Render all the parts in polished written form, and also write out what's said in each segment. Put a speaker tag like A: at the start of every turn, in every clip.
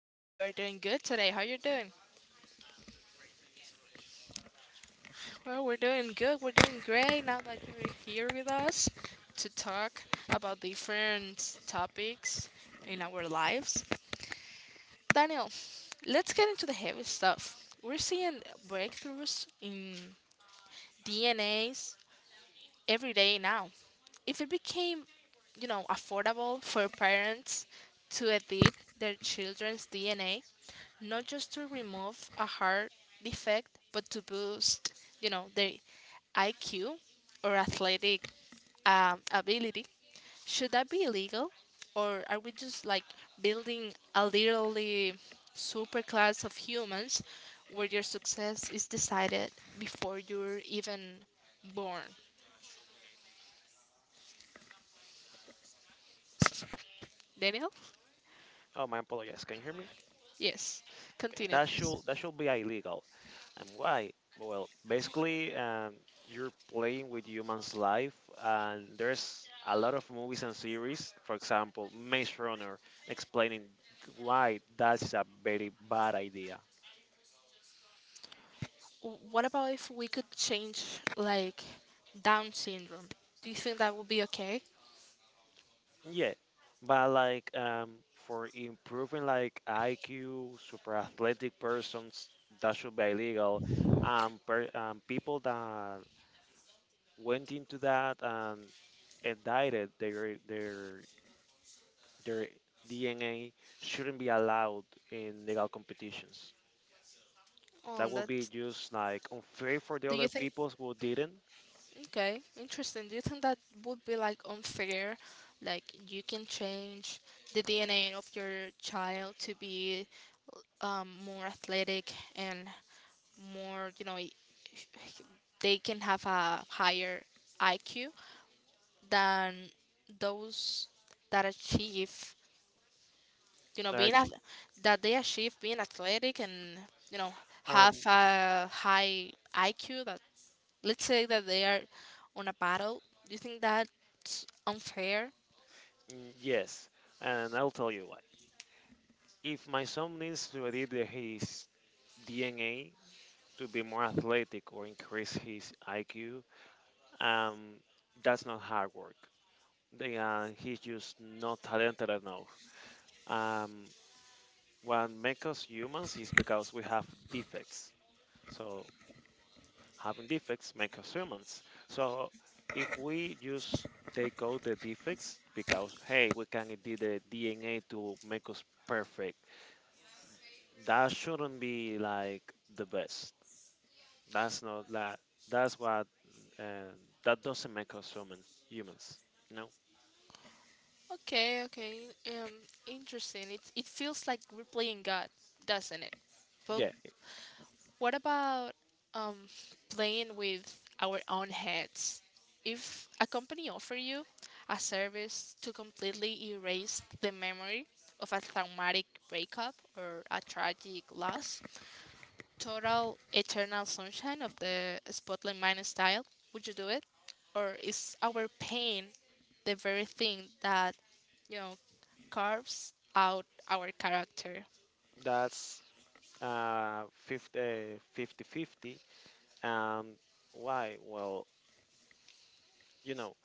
A: I hope you are doing good today. How you doing? Well, we're doing good. We're doing great now that you're here with us to talk about different topics in our lives. Daniel, let's get into the heavy stuff. We're seeing breakthroughs in DNAs every day now. If it became, affordable for parents to edit their children's DNA, not just to remove a heart defect, but to boost, the IQ or athletic ability. Should that be illegal, or are we just like building a literally super class of humans where your success is decided before you're even born? Daniel,
B: Oh, my apologies. Can you hear me?
A: yes,
B: Okay,
A: continue,
B: that
A: please.
B: should that should be illegal. And why? Well, basically, you're playing with humans' life, and there's a lot of movies and series. For example, Maze Runner, explaining why that's a very bad idea.
A: What about if we could change like Down syndrome? Do you think that would be okay?
B: Yeah, but like for improving like IQ, super athletic persons, that should be illegal. People that went into that, and. Indicted, their DNA shouldn't be allowed in legal competitions.
A: Oh,
B: That will be
A: that's.
B: just like unfair for the
A: Do you
B: other
A: think?
B: peoples who didn't.
A: Okay, interesting. Do you think that would be like unfair? Like you can change the DNA of your child to be more athletic and more, they can have a higher IQ than those that achieve,
B: that are
A: being
B: ch-
A: that they achieve being athletic and you know have
B: Um,
A: a high IQ that let's say that they are on a battle. Do you think that's unfair?
B: yes, and I'll tell you why. If my son needs to edit his DNA to be more athletic or increase his IQ, um, that's not hard work. He's just not talented enough. Um, What makes us humans is because we have defects. So having defects make us humans. So if we just take out the defects because hey, we can edit the DNA to make us perfect. That shouldn't be like the best. That's not that. That's what. Uh, that doesn't make us humans. Humans. You know.
A: Okay, okay. Um, interesting. It feels like we're playing God, doesn't it? But
B: Yeah.
A: what about um playing with our own heads? If a company offer you a service to completely erase the memory of a traumatic breakup or a tragic loss, total eternal sunshine of the spotlight mind style, would you do it? Or is our pain the very thing that, you know, carves out our character?
B: That's 50 fifty. And why? Well, you know,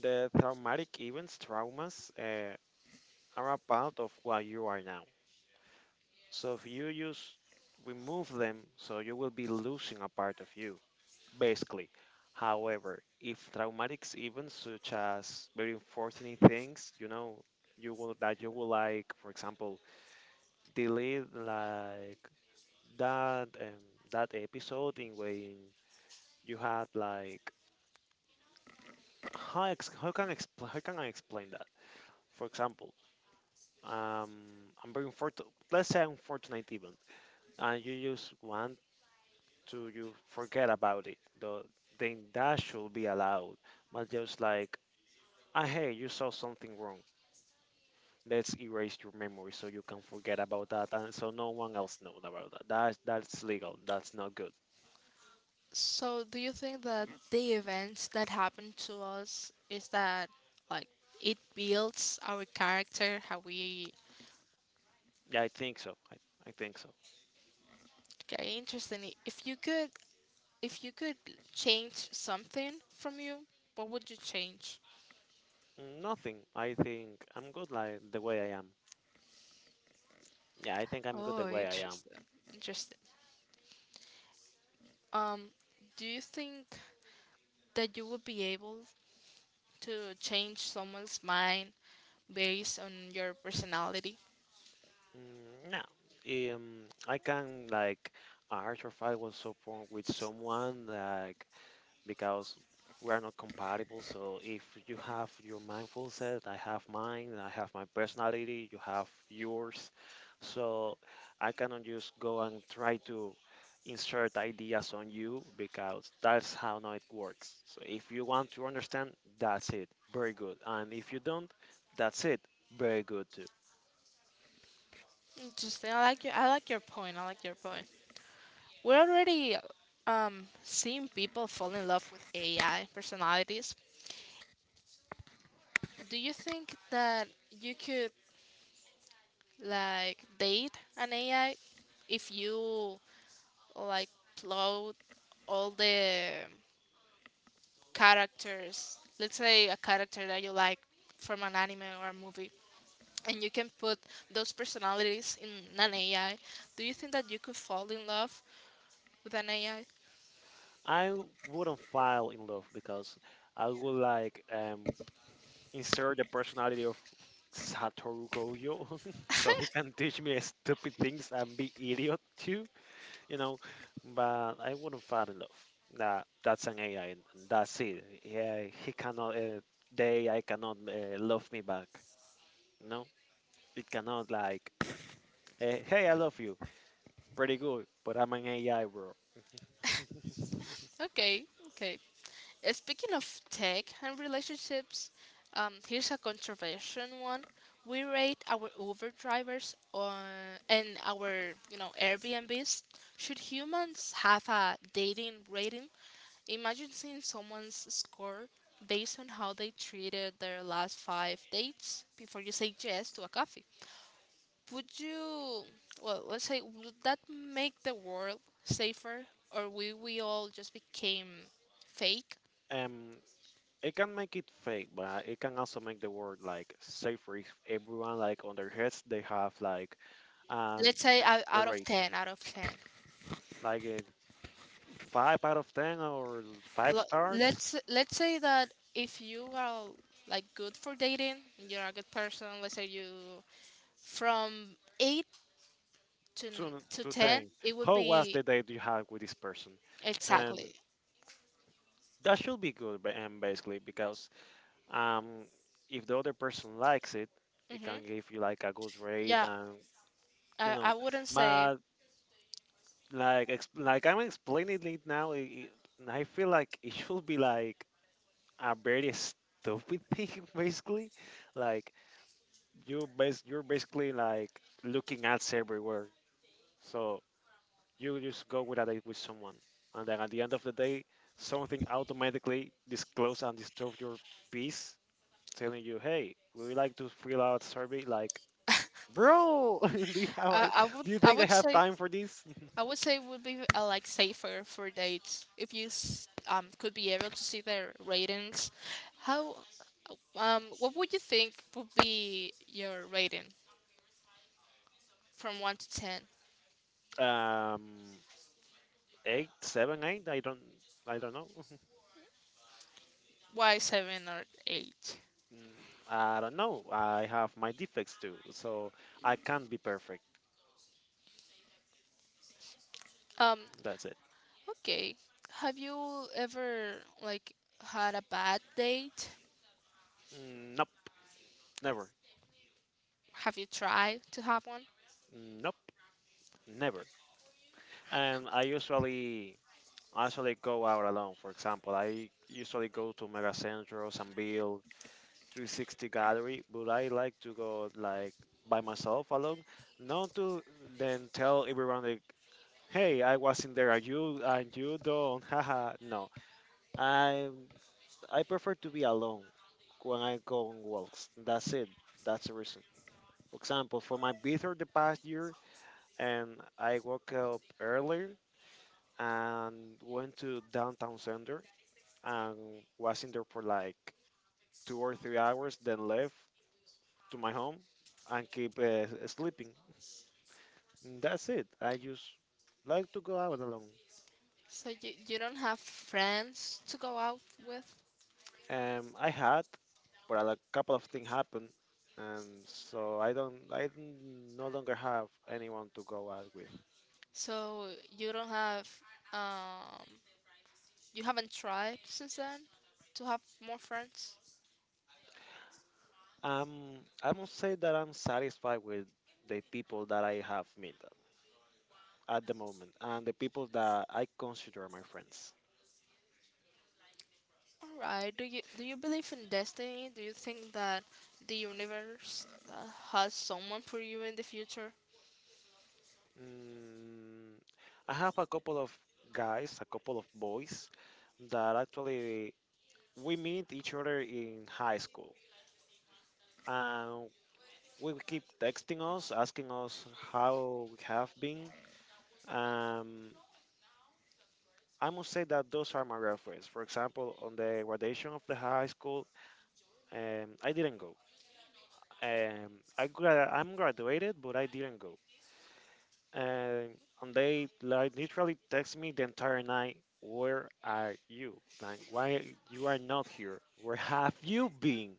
B: the traumatic events, traumas, are a part of what you are now. So if you just remove them, so you will be losing a part of you, basically. However, if traumatic events such as very unfortunate things, you know, you will like, for example, delete like that um, that episode in when you had like how can I explain that? For example, I'm very unfortunate. Let's say I'm fortunate even, and you just want to you forget about it. Though then that should be allowed. But just like, ah, hey, you saw something wrong. Let's erase your memory so you can forget about that, and so no one else knows about that. That's legal. That's not good.
A: So do you think that the events that happen to us is that like it builds our character, how we.
B: Yeah, I think so. I think so.
A: Okay, interesting. If you could if you could change something from you, what would you change?
B: Nothing. I think I'm good like the way I am. Yeah, I think I'm good the
A: Oh
B: way I am.
A: interesting. Interesting. Um, do you think that you would be able to change someone's mind based on your personality?
B: No, I can like argue if I was upfront with someone like because we are not compatible. So if you have your mindful set, I have mine. I have my personality. You have yours. So I cannot just go and try to insert ideas on you because that's how not it works. So if you want to understand, that's it. Very good. And if you don't, that's it. Very good too.
A: Interesting. I like your point. I like your point. We're already seeing people fall in love with AI personalities. Do you think that you could like date an AI if you like upload all the characters? Let's say a character that you like from an anime or a movie and you can put those personalities in an AI, do you think that you could fall in love with an AI?
B: I wouldn't fall in love because I would like insert the personality of Satoru Gojo, so he can teach me stupid things and be idiot too, you know. But I wouldn't fall in love. That's an AI, and that's it. Yeah, he cannot. The AI cannot love me back. No, it cannot like. Hey, I love you. Pretty good, but I'm an AI, bro.
A: Okay, okay. Speaking of tech and relationships, here's a controversial one. We rate our Uber drivers on, and our Airbnbs. Should humans have a dating rating? Imagine seeing someone's score based on how they treated their last five dates before you say yes to a coffee. Would you, well, let's say, would that make the world safer, or we all just became fake?
B: Um, it can make it fake, but it can also make the world like safer if everyone like on their heads they have like and
A: Let's say
B: the,
A: out
B: the
A: out of
B: rate
A: ten, out of ten.
B: like a five out of ten or five
A: L-
B: stars
A: let's say that if you are like good for dating, you're a good person. Let's say you from eight to n- to
B: to
A: ten,
B: ten.
A: it would
B: How was
A: be
B: the date you had with this person? And
A: exactly.
B: that should be good, and basically because um if the other person likes it, it
A: Hmm.
B: can give you like a good rate
A: Yeah,
B: and you
A: I,
B: know,
A: I wouldn't say.
B: but like like I'm explaining it now, I feel like it should be like a very stupid thing, basically. Like you're basically like looking ads everywhere, so you just go with a date with someone, and then at the end of the day, something automatically disclose and disturb your peace, telling you, "Hey, would you like to fill out survey?" Like, bro, do you
A: I,
B: have?
A: I would
B: Do you
A: I
B: think I
A: would
B: have
A: say
B: time for this?
A: I would say would be like safer for dates if you could be able to see their ratings. How what would you think would be your rating from one to ten?
B: um Eight, seven, eight. I don't know.
A: Why seven or eight?
B: Mm, I don't know. I have my defects too, so I can't be perfect.
A: Um
B: That's it.
A: okay. Have you ever like had a bad date?
B: Nope, never.
A: Have you tried to have one?
B: Nope, never. And I usually, I usually go out alone. For example, I usually go to Mega Centro, Sanville, 360 Gallery, but I like to go like by myself alone, not to then tell everyone like, hey, I was in there. Are you? Are you don't? Haha. No. I I prefer to be alone when I go on walks. That's it. That's the reason. For example, for my birthday the past year, and I woke up earlier and went to downtown center and was in there for like 2 or 3 hours, then left to my home and keep sleeping. And that's it. I just like to go out alone.
A: So you don't have friends to go out with.
B: I had, but a couple of things happened, and so I don't, I n- no longer have anyone to go out with.
A: So you don't have um You haven't tried since then to have more friends?
B: Um, I must say that I'm satisfied with the people that I have met at the moment, and the people that I consider my friends.
A: Alright, do you believe in destiny? Do you think that the universe has someone for you in the future?
B: Mm, I have a couple of guys, a couple of boys that actually we meet each other in high school. And we will keep texting us, asking us how we have been. Um, I must say that those are my reference. For example, on the graduation of the high school, I didn't go. I'm graduated, but I didn't go. Um, and they like literally text me the entire night, "Where are you? Like, why you are not here? Where have you been?"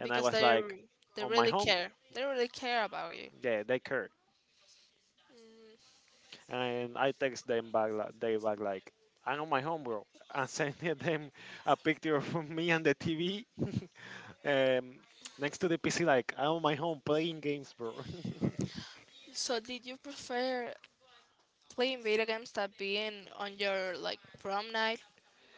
B: And I
A: Because
B: was like,
A: they
B: "On my
A: really
B: home."
A: care. They really care about you.
B: Yeah, they care. And I text them back. They back like, "I'm on my home, bro," and sending them a picture of me and the TV um, next to the PC. Like, I'm on my home playing games, bro.
A: So did you prefer playing video games that being on your like prom night?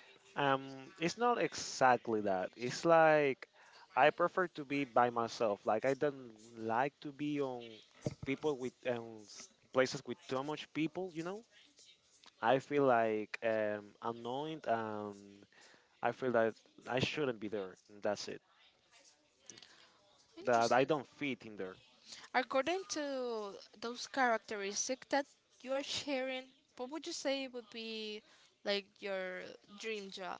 B: It's not exactly that. It's like I prefer to be by myself. Like, I don't like to be on people with places with too much people. You know, I feel like annoyed and I feel that I shouldn't be there. And that's that I
A: Interesting.
B: don't fit in there.
A: According to those characteristics that you are sharing, what would you say would be like your dream job?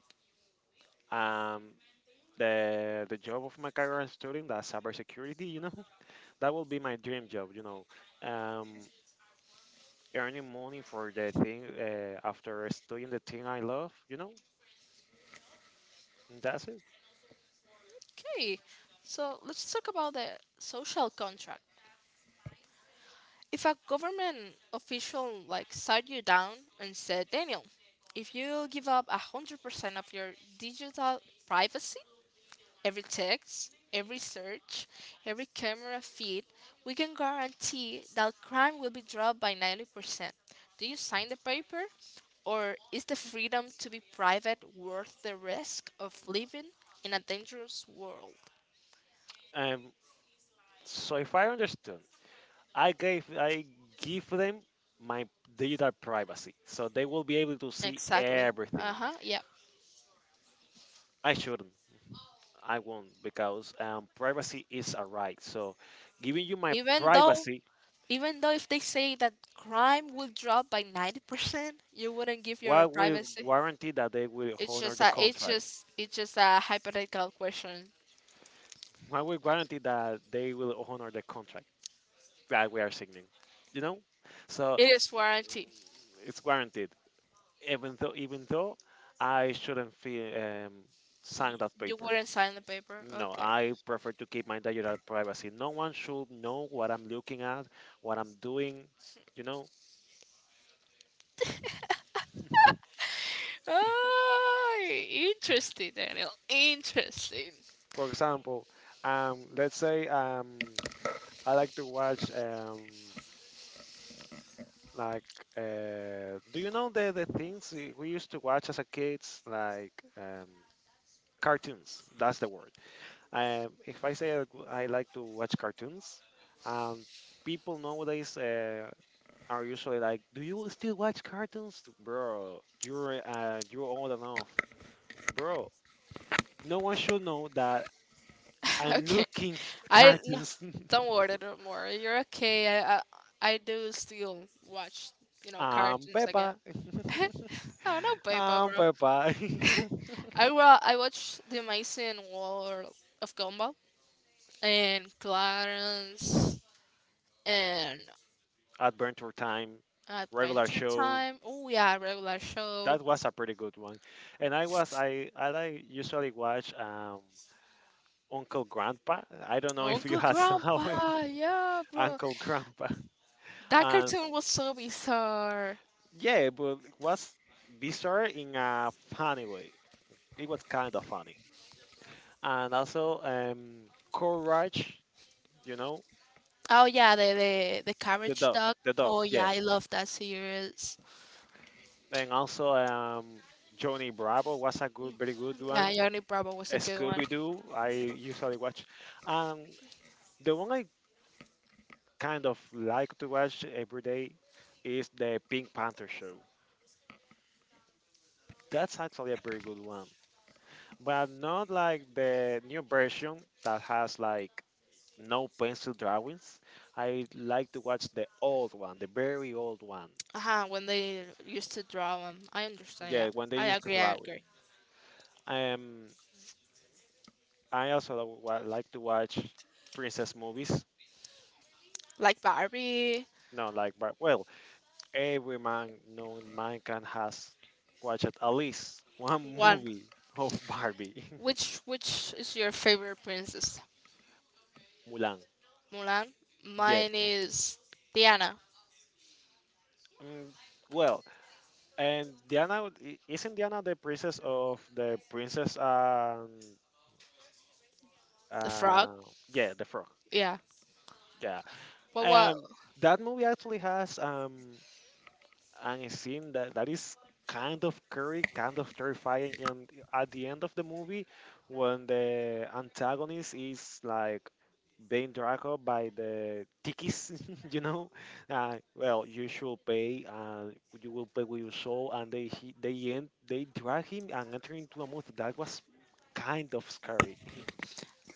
B: Um, the job of my career as student, that's cybersecurity, you know, that will be my dream job, you know. Um, Earning money for the thing after studying the thing I love, you know, and that's it.
A: Okay, so let's talk about the social contract. If a government official like sat you down and said, Daniel, if you give up 100% of your digital privacy, every text, every search, every camera feed, we can guarantee that crime will be dropped by 90%. Do you sign the paper? Or is the freedom to be private worth the risk of living in a dangerous world?
B: Um, so if I understood, I give them my digital privacy, so they will be able to see
A: Exactly. Uh
B: everything.
A: huh. Yeah.
B: I shouldn't. I won't because privacy is a right. So, giving you my
A: Even though,
B: privacy.
A: even though if they say that crime will drop by 90%, you wouldn't give your
B: What will
A: privacy.
B: guarantee that they will
A: It's
B: honor
A: just
B: the
A: a, it's
B: contract?
A: just, it's just a hypothetical question.
B: What will guarantee that they will honor the contract that we are signing? You know, so
A: It is warranty.
B: it's guaranteed. Even though I shouldn't feel
A: Y-
B: sign that
A: You
B: paper.
A: wouldn't sign the paper.
B: No,
A: Okay.
B: I prefer to keep my digital privacy. No one should know what I'm looking at, what I'm doing. You know,
A: Oh, interesting, Daniel. Interesting.
B: for example, let's say I like to watch. Like, do you know the things we used to watch as a kids, like cartoons? That's the word. If I say I like to watch cartoons, um, people nowadays are usually like, "Do you still watch cartoons, bro? You're old enough, bro. No one should know that I'm
A: Okay.
B: looking
A: I no,
B: cartoons.
A: don't worry no more. You're okay. I do still watch, cartoons again.
B: Peppa,
A: Oh no, paper, bro.
B: Peppa."
A: I watched The Amazing World of Gumball and Clarence and
B: Adventure Time, regular
A: Adventure
B: show.
A: Time. Oh yeah, regular show.
B: That was a pretty good one. And I was I like usually watch Uncle Grandpa. I don't know if you
A: Uncle
B: have saw
A: Grandpa, yeah, bro.
B: Uncle Grandpa.
A: That
B: Um
A: cartoon was so bizarre.
B: yeah, but it was bizarre in a funny way. It was kind of funny. And also Courage, you know,
A: Oh yeah, the the Carriage Dog.
B: the
A: Oh
B: dog,
A: yeah,
B: yeah.
A: I love that series.
B: And also Johnny Bravo was a very good
A: Yeah,
B: one.
A: Johnny Bravo was a good one.
B: Scooby Doo. I usually watch. Um, the one I kind of like to watch every day is the Pink Panther show. That's actually a very good one, but not like the new version that has like no pencil drawings. I like to watch the old one, the very old one.
A: Uh-huh, when they used to draw them, I understand. Yeah,
B: Yeah, when they
A: I
B: used to
A: agree. I
B: draw it.
A: agree.
B: Um, I also like to watch princess movies.
A: Like Barbie,
B: No, like but well, every man known mankind has watched at least one
A: one.
B: movie of Barbie.
A: Which is your favorite princess?
B: Mulan.
A: Mulan.
B: Yeah.
A: Mine is Diana
B: Mm, well, and Diana isn't Diana the princess of the princess and
A: the Frog.
B: uh, yeah, the frog.
A: Yeah.
B: Yeah.
A: Well,
B: Um, that movie actually has and a scene that is kind of scary, kind of terrifying. And at the end of the movie, when the antagonist is like being dragged up by the tikis, you know, well, you should pay, and you will pay with your soul. And they end they drag him and enter into a movie that was kind of scary.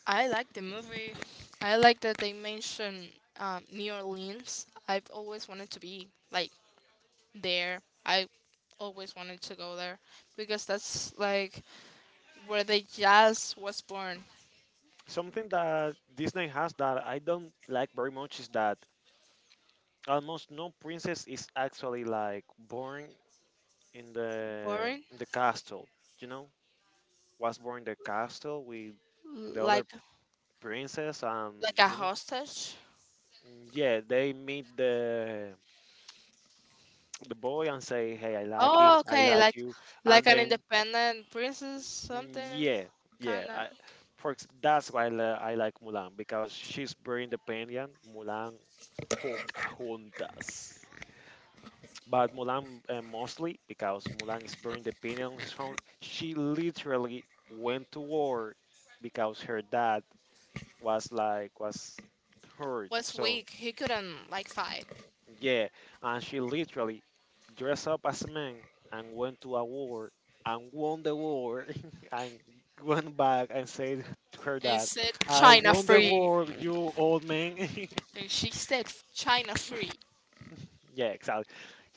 A: I like the movie. I like that they mention New Orleans. I've always wanted to be like there. I always wanted to go there because that's like where the jazz was born.
B: Something that Disney has that I don't like very much is that almost no princess is actually like born in the
A: Born
B: in the castle. You know, was born in the castle with the other
A: like
B: princess, and
A: like a
B: you know,
A: hostage.
B: yeah, they meet the boy and say, "Hey, I like him.
A: Oh,
B: I
A: okay.
B: like
A: Like
B: you," and
A: an
B: then
A: independent princess,
B: mm,
A: something
B: yeah, yeah,
A: kind of.
B: I. That's why I like Mulan because she's very independent. Mulan poca juntas. But Mulan, mostly because Mulan is burning the pin on his phone, she literally went to war because her dad was hurt.
A: Was
B: So
A: weak. He couldn't like fight,
B: yeah, and she literally dressed up as a man and went to a war and won the war and went back and said to her
A: and he
B: dad,
A: said
B: "I
A: China
B: won the
A: free,
B: war, you old man."
A: and she said China free.
B: Yeah, exactly.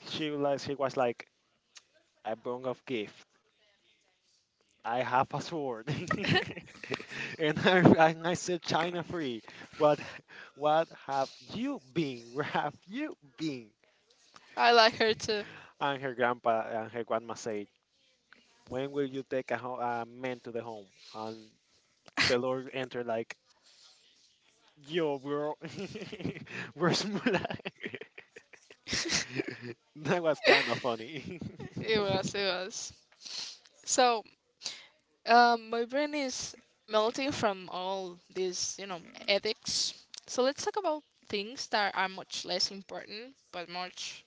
B: She was like a bone of gift I have a sword, and I said China free. But what have you been? Where have you been?
A: I like her too.
B: And her grandpa and her grandma said, "When will you take a, a man to the home?" And the Lord entered like, "Yo, bro, where's Mulai?" That was kind of funny.
A: It was it was. So my brain is melting from all these ethics. So let's talk about things that are much less important but much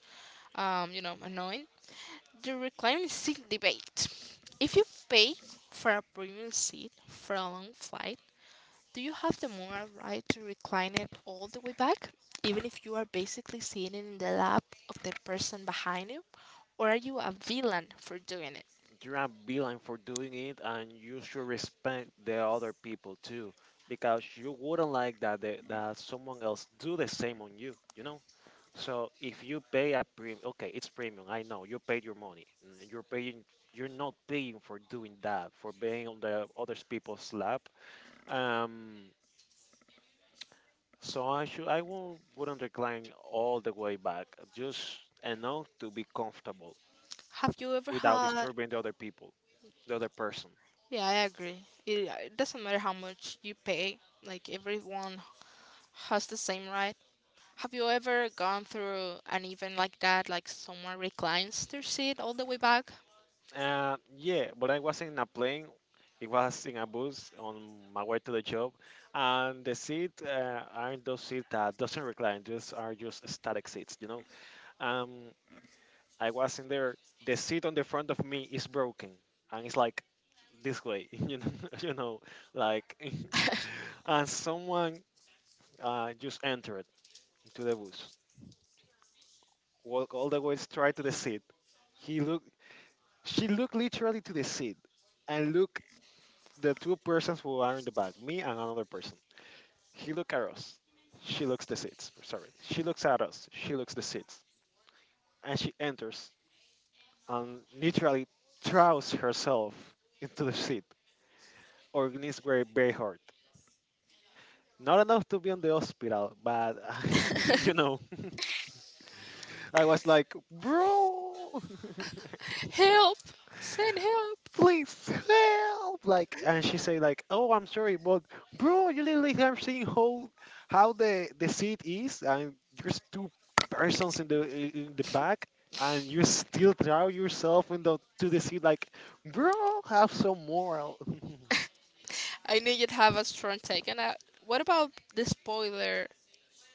A: annoying. The reclining seat debate. If you pay for a premium seat for a long flight, do you have the moral right to recline it all the way back, even if you are basically sitting in the lap of the person behind you? Or are you a villain for doing it?
B: You're a villain for doing it, and you should respect the other people too, because you wouldn't like that someone else do the same on you you know So if you pay a premium, okay, it's premium, I know you paid your money, you're paying. You're not paying for doing that, for being on the other people's lap. um I should, I won't, wouldn't recline all the way back, just enough to be comfortable
A: Have you ever
B: without
A: had.
B: disturbing the other people, the other person.
A: Yeah, I agree. It doesn't matter how much you pay, like, everyone has the same right. Have you ever gone through an event like that, like someone reclines their seat all the way back?
B: Yeah, but I was in a plane. It was in a bus on my way to the job, and the seat aren't those seats that doesn't recline. Those are just static seats, you know. Um, I was in there. The seat on the front of me is broken, and it's like this way, you know, like, and someone just entered into the bus, walk all the way straight to the seat. He looked. She looked literally to the seat and look the two persons who are in the back, me and another person. He look at us. She looks the seats. Sorry. She looks at us. She looks the seats. And she enters and literally throws herself into the seat. Our knees were very hard. Not enough to be in the hospital, but you know, I was like, bro.
A: Help! Send help!
B: Please help. And she say like, oh, I'm sorry, but bro, you literally have seen how the seat is, and there's two persons in in the back, and you still drown yourself in the to the seat. Like, bro, have some moral.
A: I knew you'd have a strong take. And what about the spoiler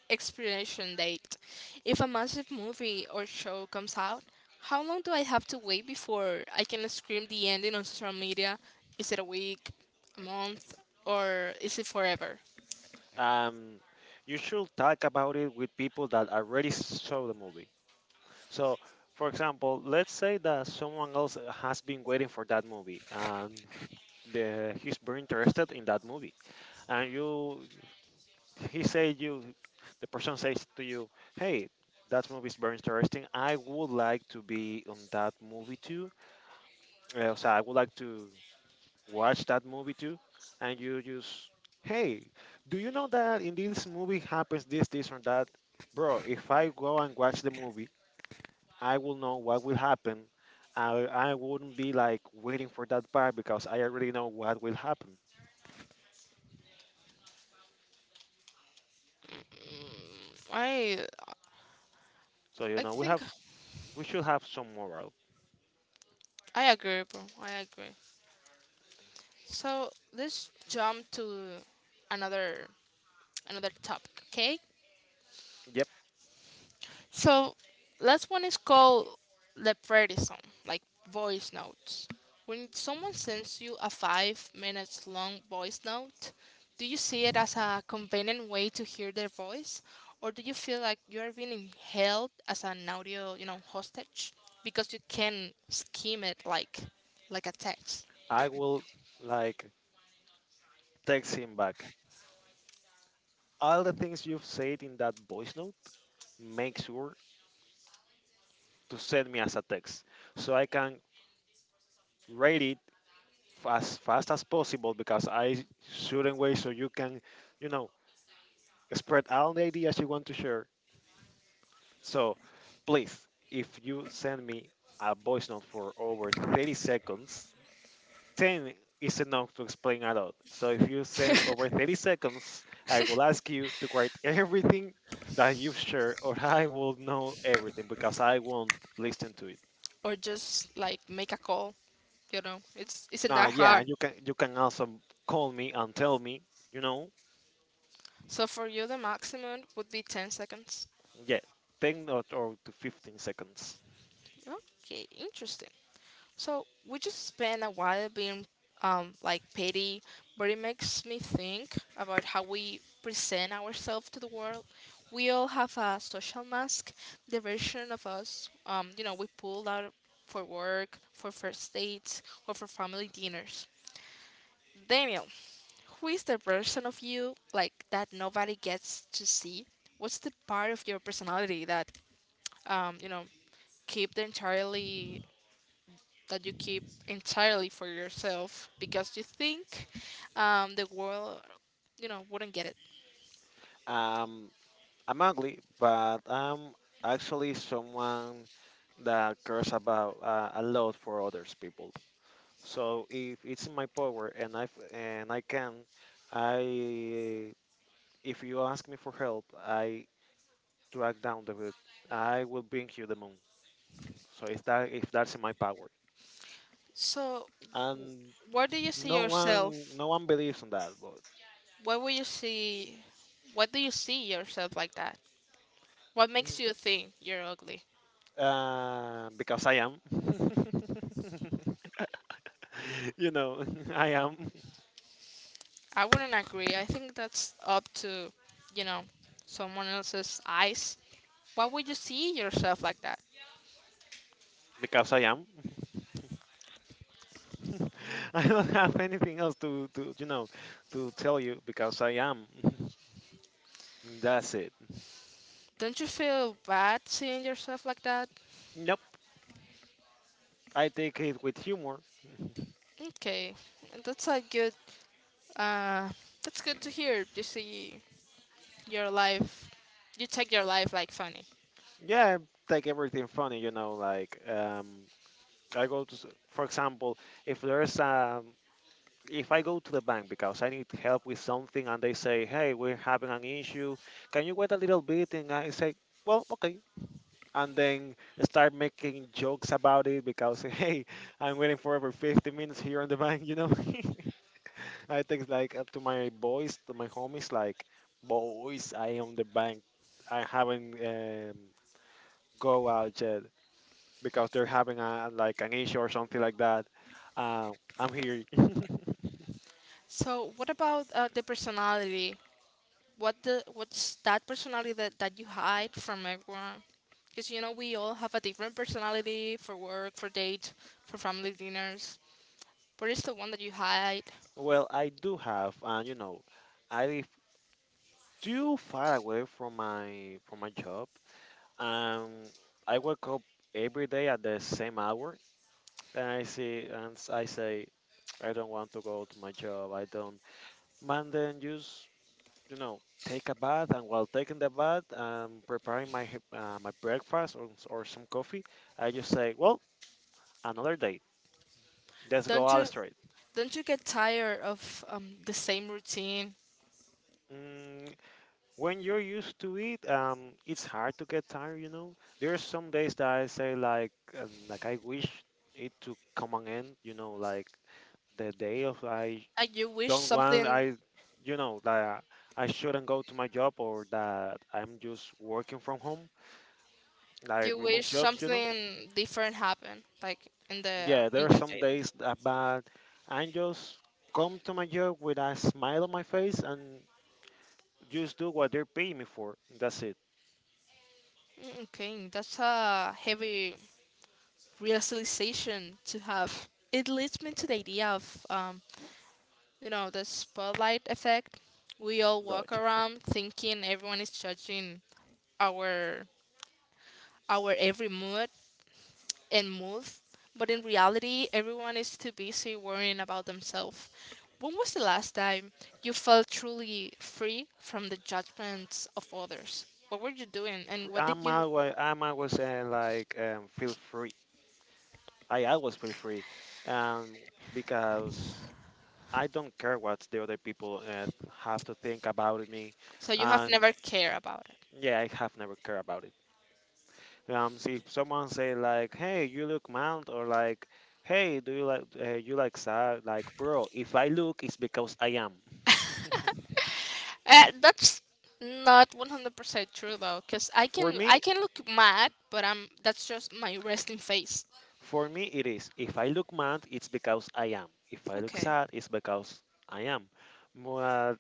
A: expiration date. If a massive movie or show comes out, how long do I have to wait before I can scream the ending on social media? Is it a week, a month, or is it forever?
B: um you should talk about it with people that already saw the movie. So for example, let's say that someone else has been waiting for that movie, and he's very interested in that movie, and you he say you the person says to you, hey, that movie is very interesting, I would like to be on that movie too. So I would like to watch that movie too. And you just, hey, do you know that in this movie happens this or that? Bro, if I go and watch the movie, I will know what will happen. I wouldn't be like waiting for that part because I already know what will happen.
A: Mm, I
B: So you
A: I
B: know,
A: think
B: we should have some moral.
A: I agree, bro. I agree. So let's jump to another another topic, okay? So, last one is called leprechaun, like voice notes. When someone sends you a 5 minutes long voice note, do you see it as a convenient way to hear their voice, or do you feel like you are being held as an audio, hostage because you can scheme it like a text,
B: I will like text him back. All the things you've said in that voice note, make sure to send me as a text so I can read it as fast as possible, because I shouldn't wait so you can, you know, spread all the ideas you want to share. So please, if you send me a voice note for over 30 seconds, 10 is enough to explain a lot. So if you send over 30 seconds, I will ask you to write everything that you've shared, or I will know everything because I won't listen to it.
A: or just like make a call? You know, it's isn't that
B: Yeah,
A: hard.
B: and you can also call me and tell me, you know,
A: So for you, the maximum would be 10 seconds.
B: yeah, 10 or to 15 seconds.
A: Okay, interesting. So we just spent a while being like petty, but it makes me think about how we present ourselves to the world. We all have a social mask, the version of us, we pull out for work, for first dates, or for family dinners. Daniel, who is the version of you like that nobody gets to see? What's the part of your personality that um, you know keep the entirely that you keep entirely for yourself because you think the world, wouldn't get it.
B: Um, I'm ugly, but I'm actually someone that cares about a lot for others people. So if it's in my power and I can, I, if you ask me for help, I drag down the hood. I will bring you the moon. So if that's in my power,
A: So,
B: and
A: where do you see yourself?
B: no one believes in that, but
A: What will you see? What do you see yourself like that? What
B: mm,
A: makes you think you're ugly?
B: because I am, you know, I am
A: I wouldn't agree. I think that's up to, you know, someone else's eyes. Why would you see yourself like that?
B: because I am. I don't have anything else to to tell you because I am. That's it.
A: Don't you feel bad seeing yourself like that?
B: Nope, I take it with humor.
A: Okay, that's a good. Uh, that's good to hear. You see your life you take your life like funny
B: Yeah, I take everything funny, you know, like I go to s-, for example, if there's um, if I go to the bank because I need help with something and they say, "Hey, we're having an issue. Can you wait a little bit?" and I say, "Well, okay." And then start making jokes about it because, "Hey, I'm waiting for over 50 minutes here on the bank, you know." I text like to my boys, to my homies, like, boys, I am the bank. I haven't go out yet because they're having a like an issue or something like that. Uh, I'm here.
A: so what about the personality what's that personality that you hide from everyone because you know we all have a different personality for work for date for family dinners what is the one that you hide
B: Well, I do have, and you know, I live too far away from my job. Um, I wake up every day at the same hour, and I see, and I say, I don't want to go to my job. I don't. Man, then just, you know, take a bath, and while taking the bath, preparing my my breakfast or, or some coffee, I just say, well, another day. Let's go
A: don't you
B: out straight.
A: don't you get tired of the same routine
B: Mm, when you're used to it, it's hard to get tired. You know, there are some days that I say like I wish it to come an end. You know, like the day of I
A: like
B: don't want I, you know, that I shouldn't go to my job, or that I'm just working from home, like
A: you
B: remote
A: wish
B: jobs. You know,
A: something different happened like
B: yeah, there
A: in
B: are
A: your
B: some
A: daily.
B: days that bad. I just come to my job with a smile on my face and just do what they're paying me for. That's it.
A: Mm, okay, that's a heavy realization to have. It leads me to the idea of, the spotlight effect. We all walk
B: Gotcha.
A: around thinking everyone is judging our our every mood and move, but in reality, everyone is too busy worrying about themselves. When was the last time you felt truly free from the judgments of others? What were you doing, and what did you?
B: I'm always feel free. I always feel free, um, because I don't care what the other people have to think about me,
A: So you have
B: and
A: never cared about.
B: yeah, I have never cared about it. See if someone say like, "Hey, you look mild," or like, "Hey, do you like sad?" Like, bro, if I look, it's because I am.
A: That's not 100% true, though, 'cause I
B: For
A: can I
B: me,
A: can look mad, but I'm that's just my resting face.
B: for me, it is. If I look mad, it's because I am. If I look
A: Okay,
B: sad, it's because I am. But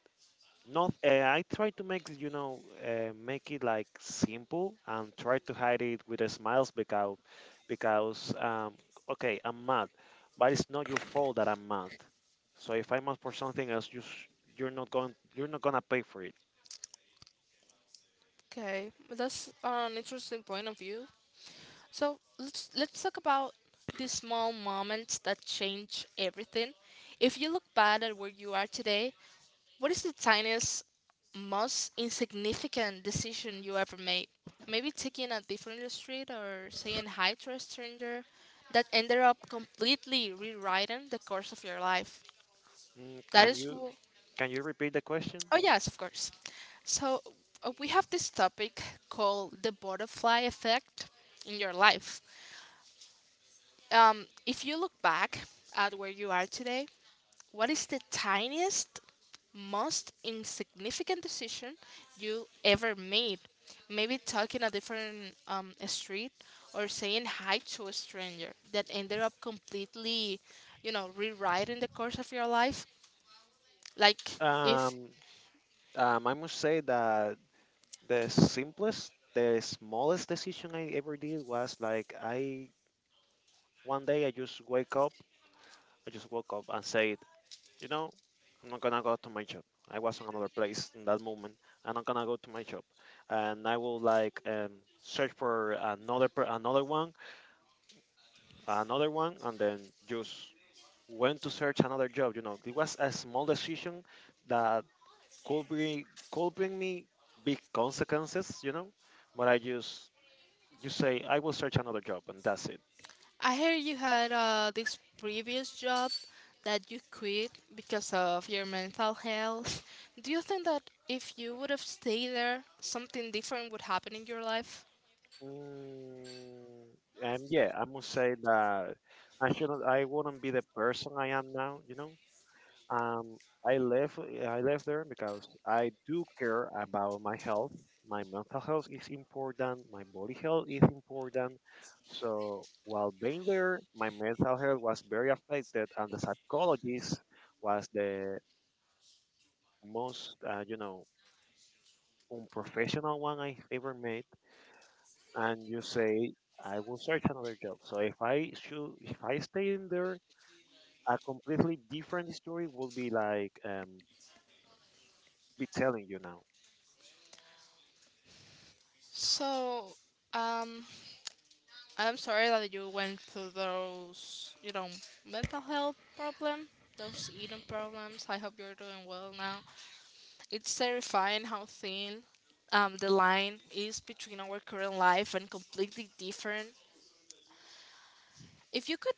B: not. I try to make, you know, make it like simple and try to hide it with a smiles because, because um, okay, I'm mad, but it's not your fault that I'm mad. So if I'm mad for something else, you're not going you're not gonna pay for it.
A: okay, that's an interesting point of view. So let's talk about the small moments that change everything. If you look back at where you are today, what is the tiniest, most insignificant decision you ever made? Maybe taking a different street or saying hi to a stranger that ended up completely rewriting the course of your life.
B: Mm,
A: That
B: can
A: is
B: you
A: who.
B: repeat the question?
A: Oh, yes, of course. So, we have this topic called the butterfly effect in your life. If you look back at where you are today, what is the tiniest, most insignificant decision you ever made? Maybe talking a different street or saying hi to a stranger that ended up completely, rewriting the course of your life. Like if
B: Um, I must say that the smallest decision I ever did was like I one day I just wake up, I just woke up and said, you know, I'm not gonna go to my job. I was on another place in that moment. I'm not gonna go to my job, and I will like, search for another another one, and then just went to search another job. You know, it was a small decision that could bring could bring me big consequences. You know, but I just you say I will search another job, and that's it.
A: I heard you had this previous job that you quit because of your mental health. Do you think that if you would have stayed there, something different would happen in your life?
B: Mm, and yeah, I must say that I shouldn't. I wouldn't be the person I am now. You know, um, I left I left there because I do care about my health. My mental health is important. My body health is important. So while being there, my mental health was very affected, and the psychologist was the most unprofessional one I ever met. And you say I will search another job. So if I stay in there, a completely different story would be like, be telling you now.
A: So, um, I'm sorry that you went through those, mental health problem, those eating problems. I hope you're doing well now. It's terrifying how thin the line is between our current life and completely different. If you could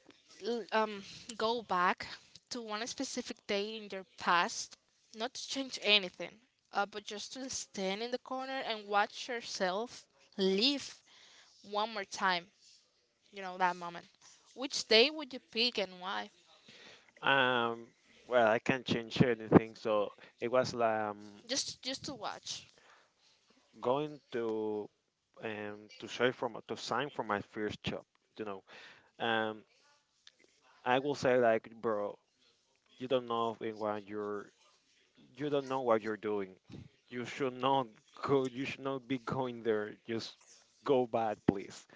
A: l- um, go back to one specific day in your past, not to change anything, but just to stand in the corner and watch yourself live one more time, you know, that moment, which day would you pick and why?
B: Um, well, I can't change anything, so it was um,
A: Just to watch.
B: going to um, to show for my, to sign for my first job, you know. Um, I will say like, bro, you don't know in what you're you don't know what you're doing. You should not go. You should not be going there. Just go bad, please.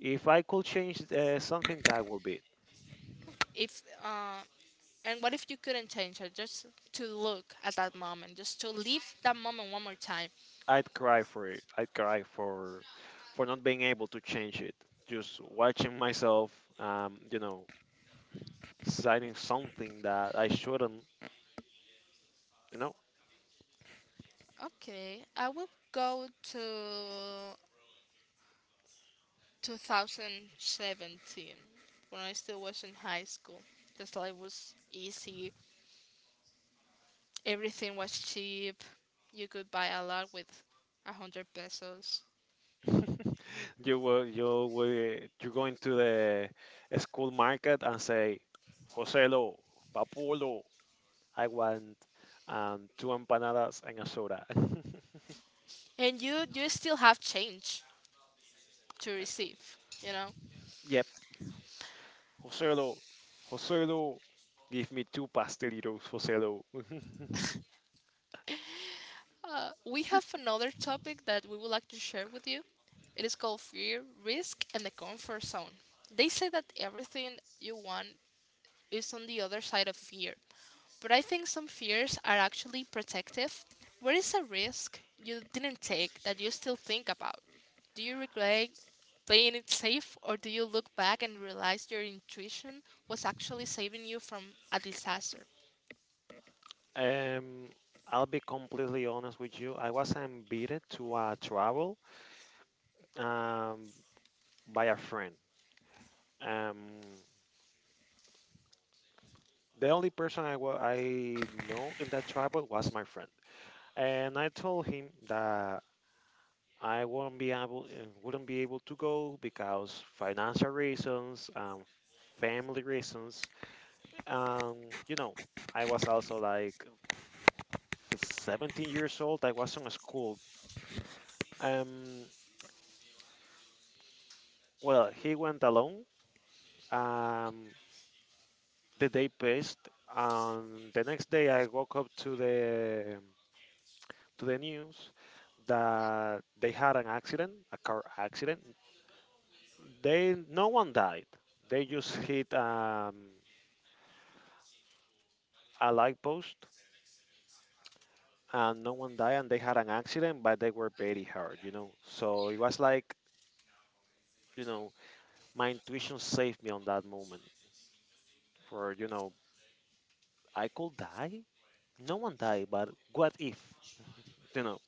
B: If I could change something, that would be it.
A: If And what if you couldn't change it, just to look at that moment, just to live that moment one more time?
B: I'd cry for it. I'd cry for not being able to change it. Just watching myself, um, you know, citing something that I shouldn't, you know.
A: Okay, I will go to 2017 when I still was in high school. Just life was easy, everything was cheap, you could buy a lot with 100 pesos.
B: You were you going to the school market and say, Joselo, Papulo, I want two empanadas and a soda.
A: And you still have change to receive you know
B: Yep, Joselo, Joselo, give me two pastelitos, Joselo.
A: we have another topic that we would like to share with you. It is called fear, risk, and the comfort zone. They say that everything you want is on the other side of fear, but I think some fears are actually protective. Where is a risk you didn't take that you still think about? Do you regret playing it safe, or do you look back and realize your intuition was actually saving you from a disaster?
B: Um, I'll be completely honest with you. I was invited to a travel um, by a friend. Um, the only person I know in that travel was my friend, and I told him that I wouldn't be able to go because financial reasons, family reasons. Um, you know, I was also like 17 years old. I was in school. Um, well, he went alone, um, the day passed, and the next day I woke up to the news that they had an accident, a car accident. They No one died. They just hit a light post, and no one died, and they had an accident, but they were very hurt, you know. So it was like, you know, my intuition saved me on that moment, for, you know, I could die. No one died, but what if? You know,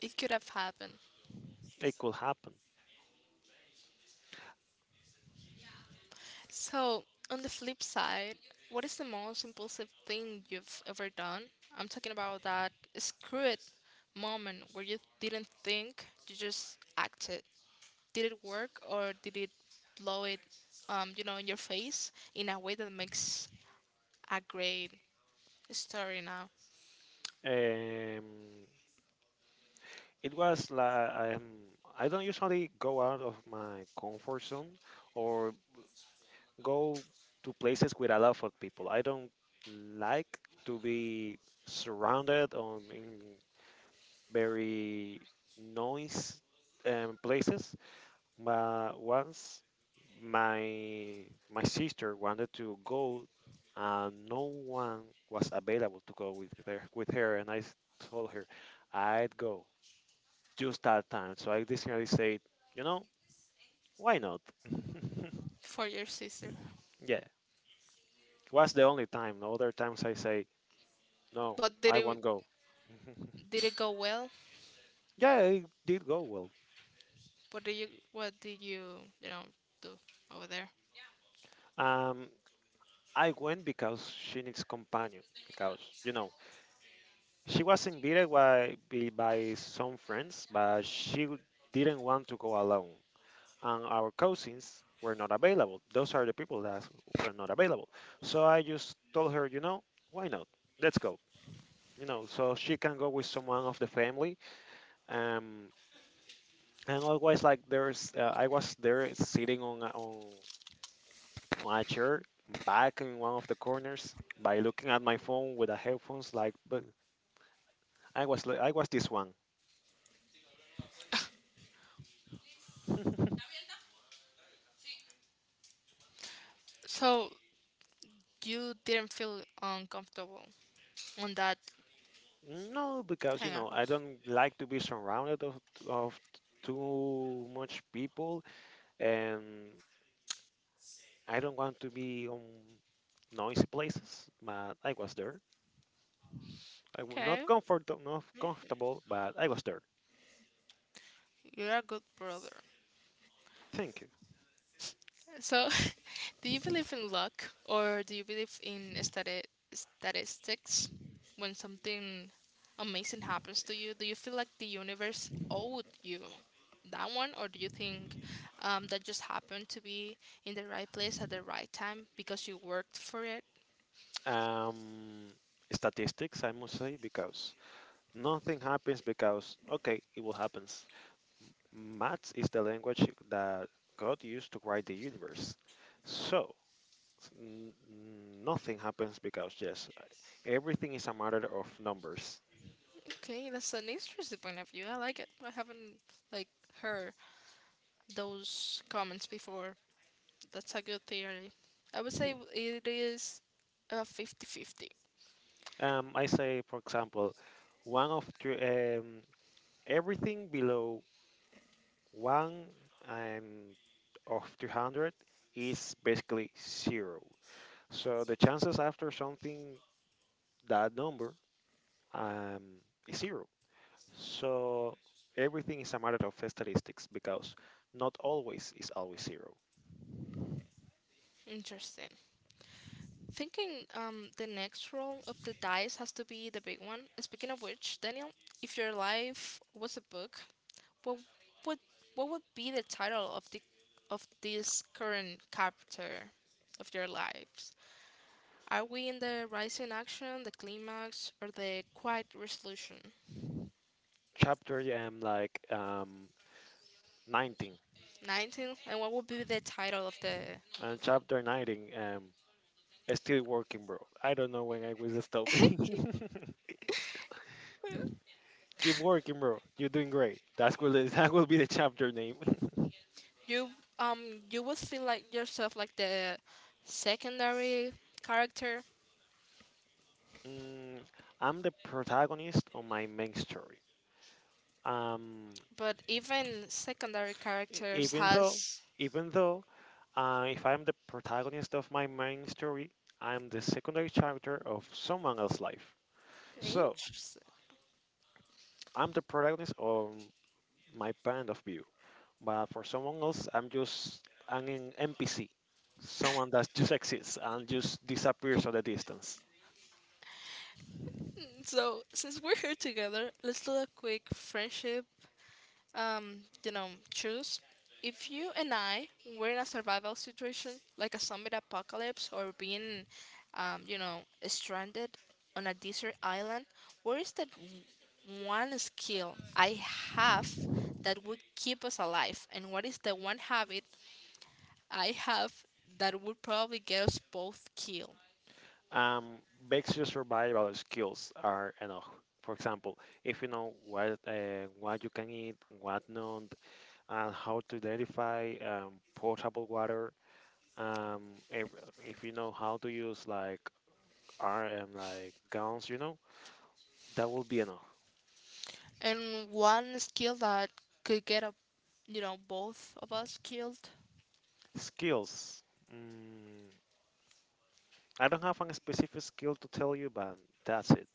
A: It could have happened.
B: it could happen.
A: So, on the flip side, what is the most impulsive thing you've ever done? I'm talking about that screw it moment where you didn't think, you just acted. Did it work, or did it blow it, in your face in a way that makes a great story now
B: Um, it was like I don't usually go out of my comfort zone, or go to places with a lot of people. I don't like to be surrounded on in very noise places. But once my my sister wanted to go, and no one was available to go with her, and told her I'd go just that time. So I decided to say, you know, why not?
A: for your sister?
B: Yeah, it was the only time. No other times I say, no,
A: But did
B: I
A: it
B: won't go.
A: did it go well?
B: Yeah, it did go well.
A: What did you what did you you know do over there?
B: Um, I went because she needs companion. Because, you know, she was invited by some friends, but she didn't want to go alone, and our cousins were not available. Those are the people that were not available. So I just told her, you know, why not? Let's go. You know, so she can go with someone of the family. um and always, like, there's I was there sitting on a chair back in one of the corners, by looking at my phone with the headphones, like, but I was this one.
A: So you didn't feel uncomfortable on that.
B: No, because, you
A: Hang
B: know,
A: out.
B: I don't like to be surrounded of too much people, and I don't want to be on noisy places, but I was there. I was
A: Okay.
B: not comfort not comfortable, but I was there.
A: You're a good brother.
B: Thank you.
A: So, do you believe in luck, or do you believe in statistics? When something amazing happens to you, do you feel like the universe owed you that one, or do you think that just happened to be in the right place at the right time because you worked for it?
B: Um, statistics, I must say, because nothing happens because, okay, it will happens. Maths is the language that God used to write the universe. So, nothing happens because, yes, everything is a matter of numbers.
A: Okay, that's an interesting point of view. I like it. I haven't, like, heard those comments before. That's a good theory. I would say it is 50-50.
B: I say, for example, one of three, everything below one and of 300 is basically zero. So the chances after something that number, um, is zero. So everything is a matter of statistics, because not always is always zero.
A: Interesting. Thinking the next roll of the dice has to be the big one. Speaking of which, Daniel, if your life was a book, what would what would be the title of this current chapter of your lives? Are we in the rising action, the climax, or the quiet resolution?
B: Chapter 19.
A: 19. And what would be the title of the?
B: And chapter 19, still working, bro. I don't know when I will stop. Keep working, bro. You're doing great. That's will that will be the chapter name.
A: you um you would feel like yourself, like the secondary character,
B: Mm, I'm the protagonist of my main story. Um,
A: but even secondary characters
B: Even though,
A: has
B: even though, if I'm the protagonist of my main story, I'm the secondary character of someone else's life. So
A: interest.
B: I'm the protagonist of my point of view, but for someone else, I'm just NPC, someone that just exists and just disappears on the distance.
A: So since we're here together, let's do a quick friendship, um, choose. If you and I were in a survival situation, like a zombie apocalypse, or being, um, you know, stranded on a desert island, where is that one skill I have that would keep us alive? And what is the one habit I have that would probably get us both killed?
B: Um, basic survival skills are enough. For example, if you know what you can eat, what not, and how to identify potable water. Um, if, if you know how to use like R and like guns, you know, that will be enough.
A: And one skill that could get a, both of us killed.
B: Skills. Mm, I don't have a specific skill to tell you, but that's it.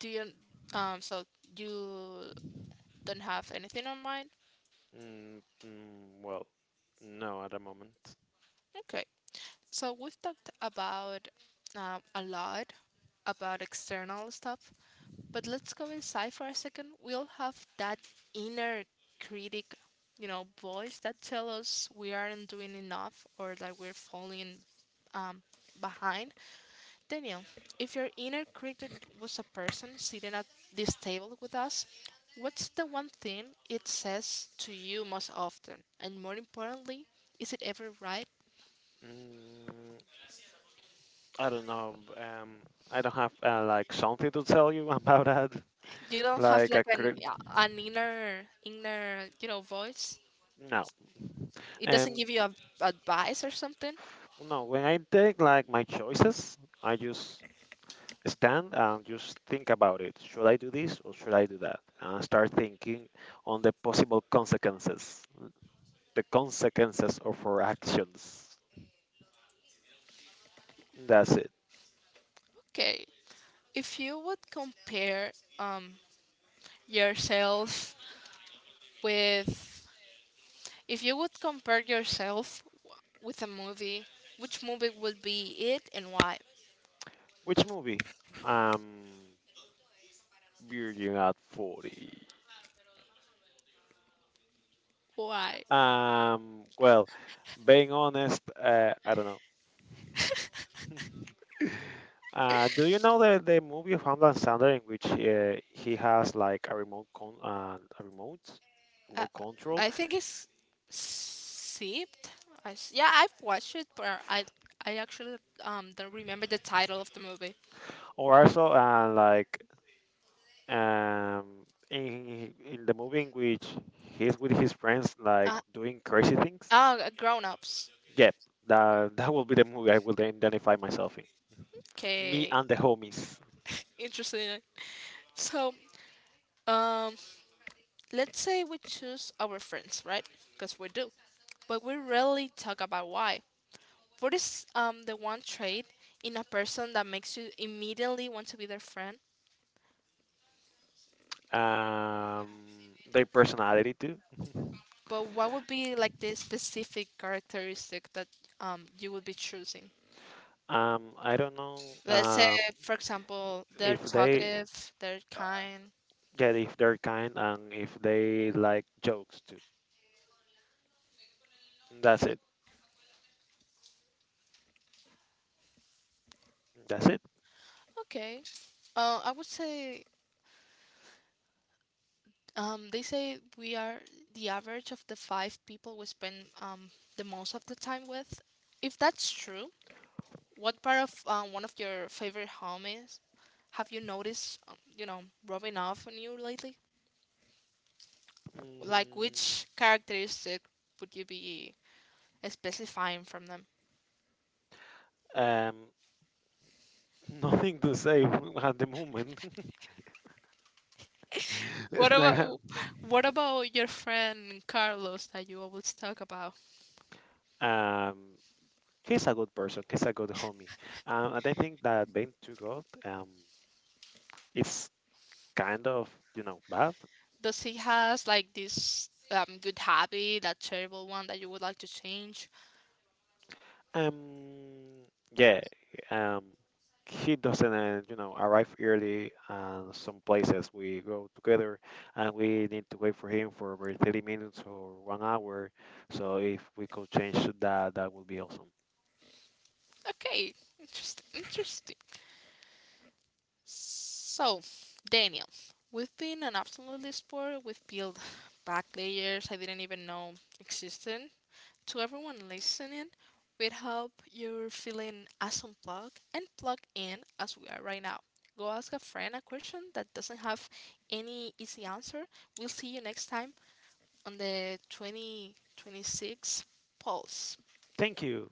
A: Do you, so you don't have anything on mind?
B: Well, no, at the moment.
A: Okay. So we've talked about a lot about external stuff, but let's go inside for a second. We all have that inner critic, voice that tells us we aren't doing enough, or that we're falling um, behind. Daniel, if your inner critic was a person sitting at this table with us, what's the one thing it says to you most often? And more importantly, is it ever right?
B: Mm, I don't know. I don't have like something to tell you about that.
A: You don't have,
B: Like I
A: like, an,
B: could
A: yeah, an inner inner voice?
B: no.
A: It doesn't
B: Um,
A: give you a, advice or something?
B: no. When I take like my choices, I just stand and just think about it. Should I do this or should I do that? And start thinking on the possible consequences, the consequences of our actions. That's it.
A: Okay. if you would compare um yourself with If you would compare yourself with a movie, which movie would be it, and why?
B: Which movie? Um, Virgin at 40.
A: Why?
B: Well, being honest, I don't know. Do you know the movie of Hamlet Sander in which he has like a
A: uh,
B: remote control,
A: I think it's Sipped. Yeah, I've watched it, but I actually don't remember the title of the movie.
B: or also like um in the movie in which he's with his friends like
A: uh,
B: doing crazy things?
A: oh grown-ups.
B: Yep, that that will be the movie I will identify myself in. Me
A: Okay,
B: and the homies.
A: interesting. So, um, let's say we choose our friends, right? Because we do, but we rarely talk about why. What is the one trait in a person that makes you immediately want to be their friend?
B: um their personality too.
A: But what would be, like, the specific characteristic that you would be choosing?
B: I don't know
A: Let's say, for example, they're
B: If they
A: talkative, they're
B: uh,
A: kind.
B: yeah, if they're kind, and if they like jokes too. That's it. That's it.
A: Okay. I would say. They say we are the average of the five people we spend the most of the time with. If that's true, what part of one of your favorite homies have you noticed, rubbing off on you lately? Like, which characteristic would you be specifying from them?
B: Mm, um nothing to say at the moment.
A: What
B: It's not-
A: about what about your friend Carlos that you always talk about?
B: Um, he's a good person. He's a good homie. And I think that being too good, is kind of, you know, bad.
A: Does he has, like, this good habit, that terrible one that you would like to change?
B: Um, yeah, um, he doesn't, you know, arrive early. And some places we go together, and we need to wait for him for over 30 minutes or 1 hour. So if we could change that, that would be awesome.
A: Okay, interesting. Interesting. So, Daniel, we've been an absolute explorer. We've peeled back layers I didn't even know existed. To everyone listening, we hope you're feeling as unplugged and plugged in as we are right now. Go ask a friend a question that doesn't have any easy answer. We'll see you next time on the 2026 Pulse.
B: Thank you.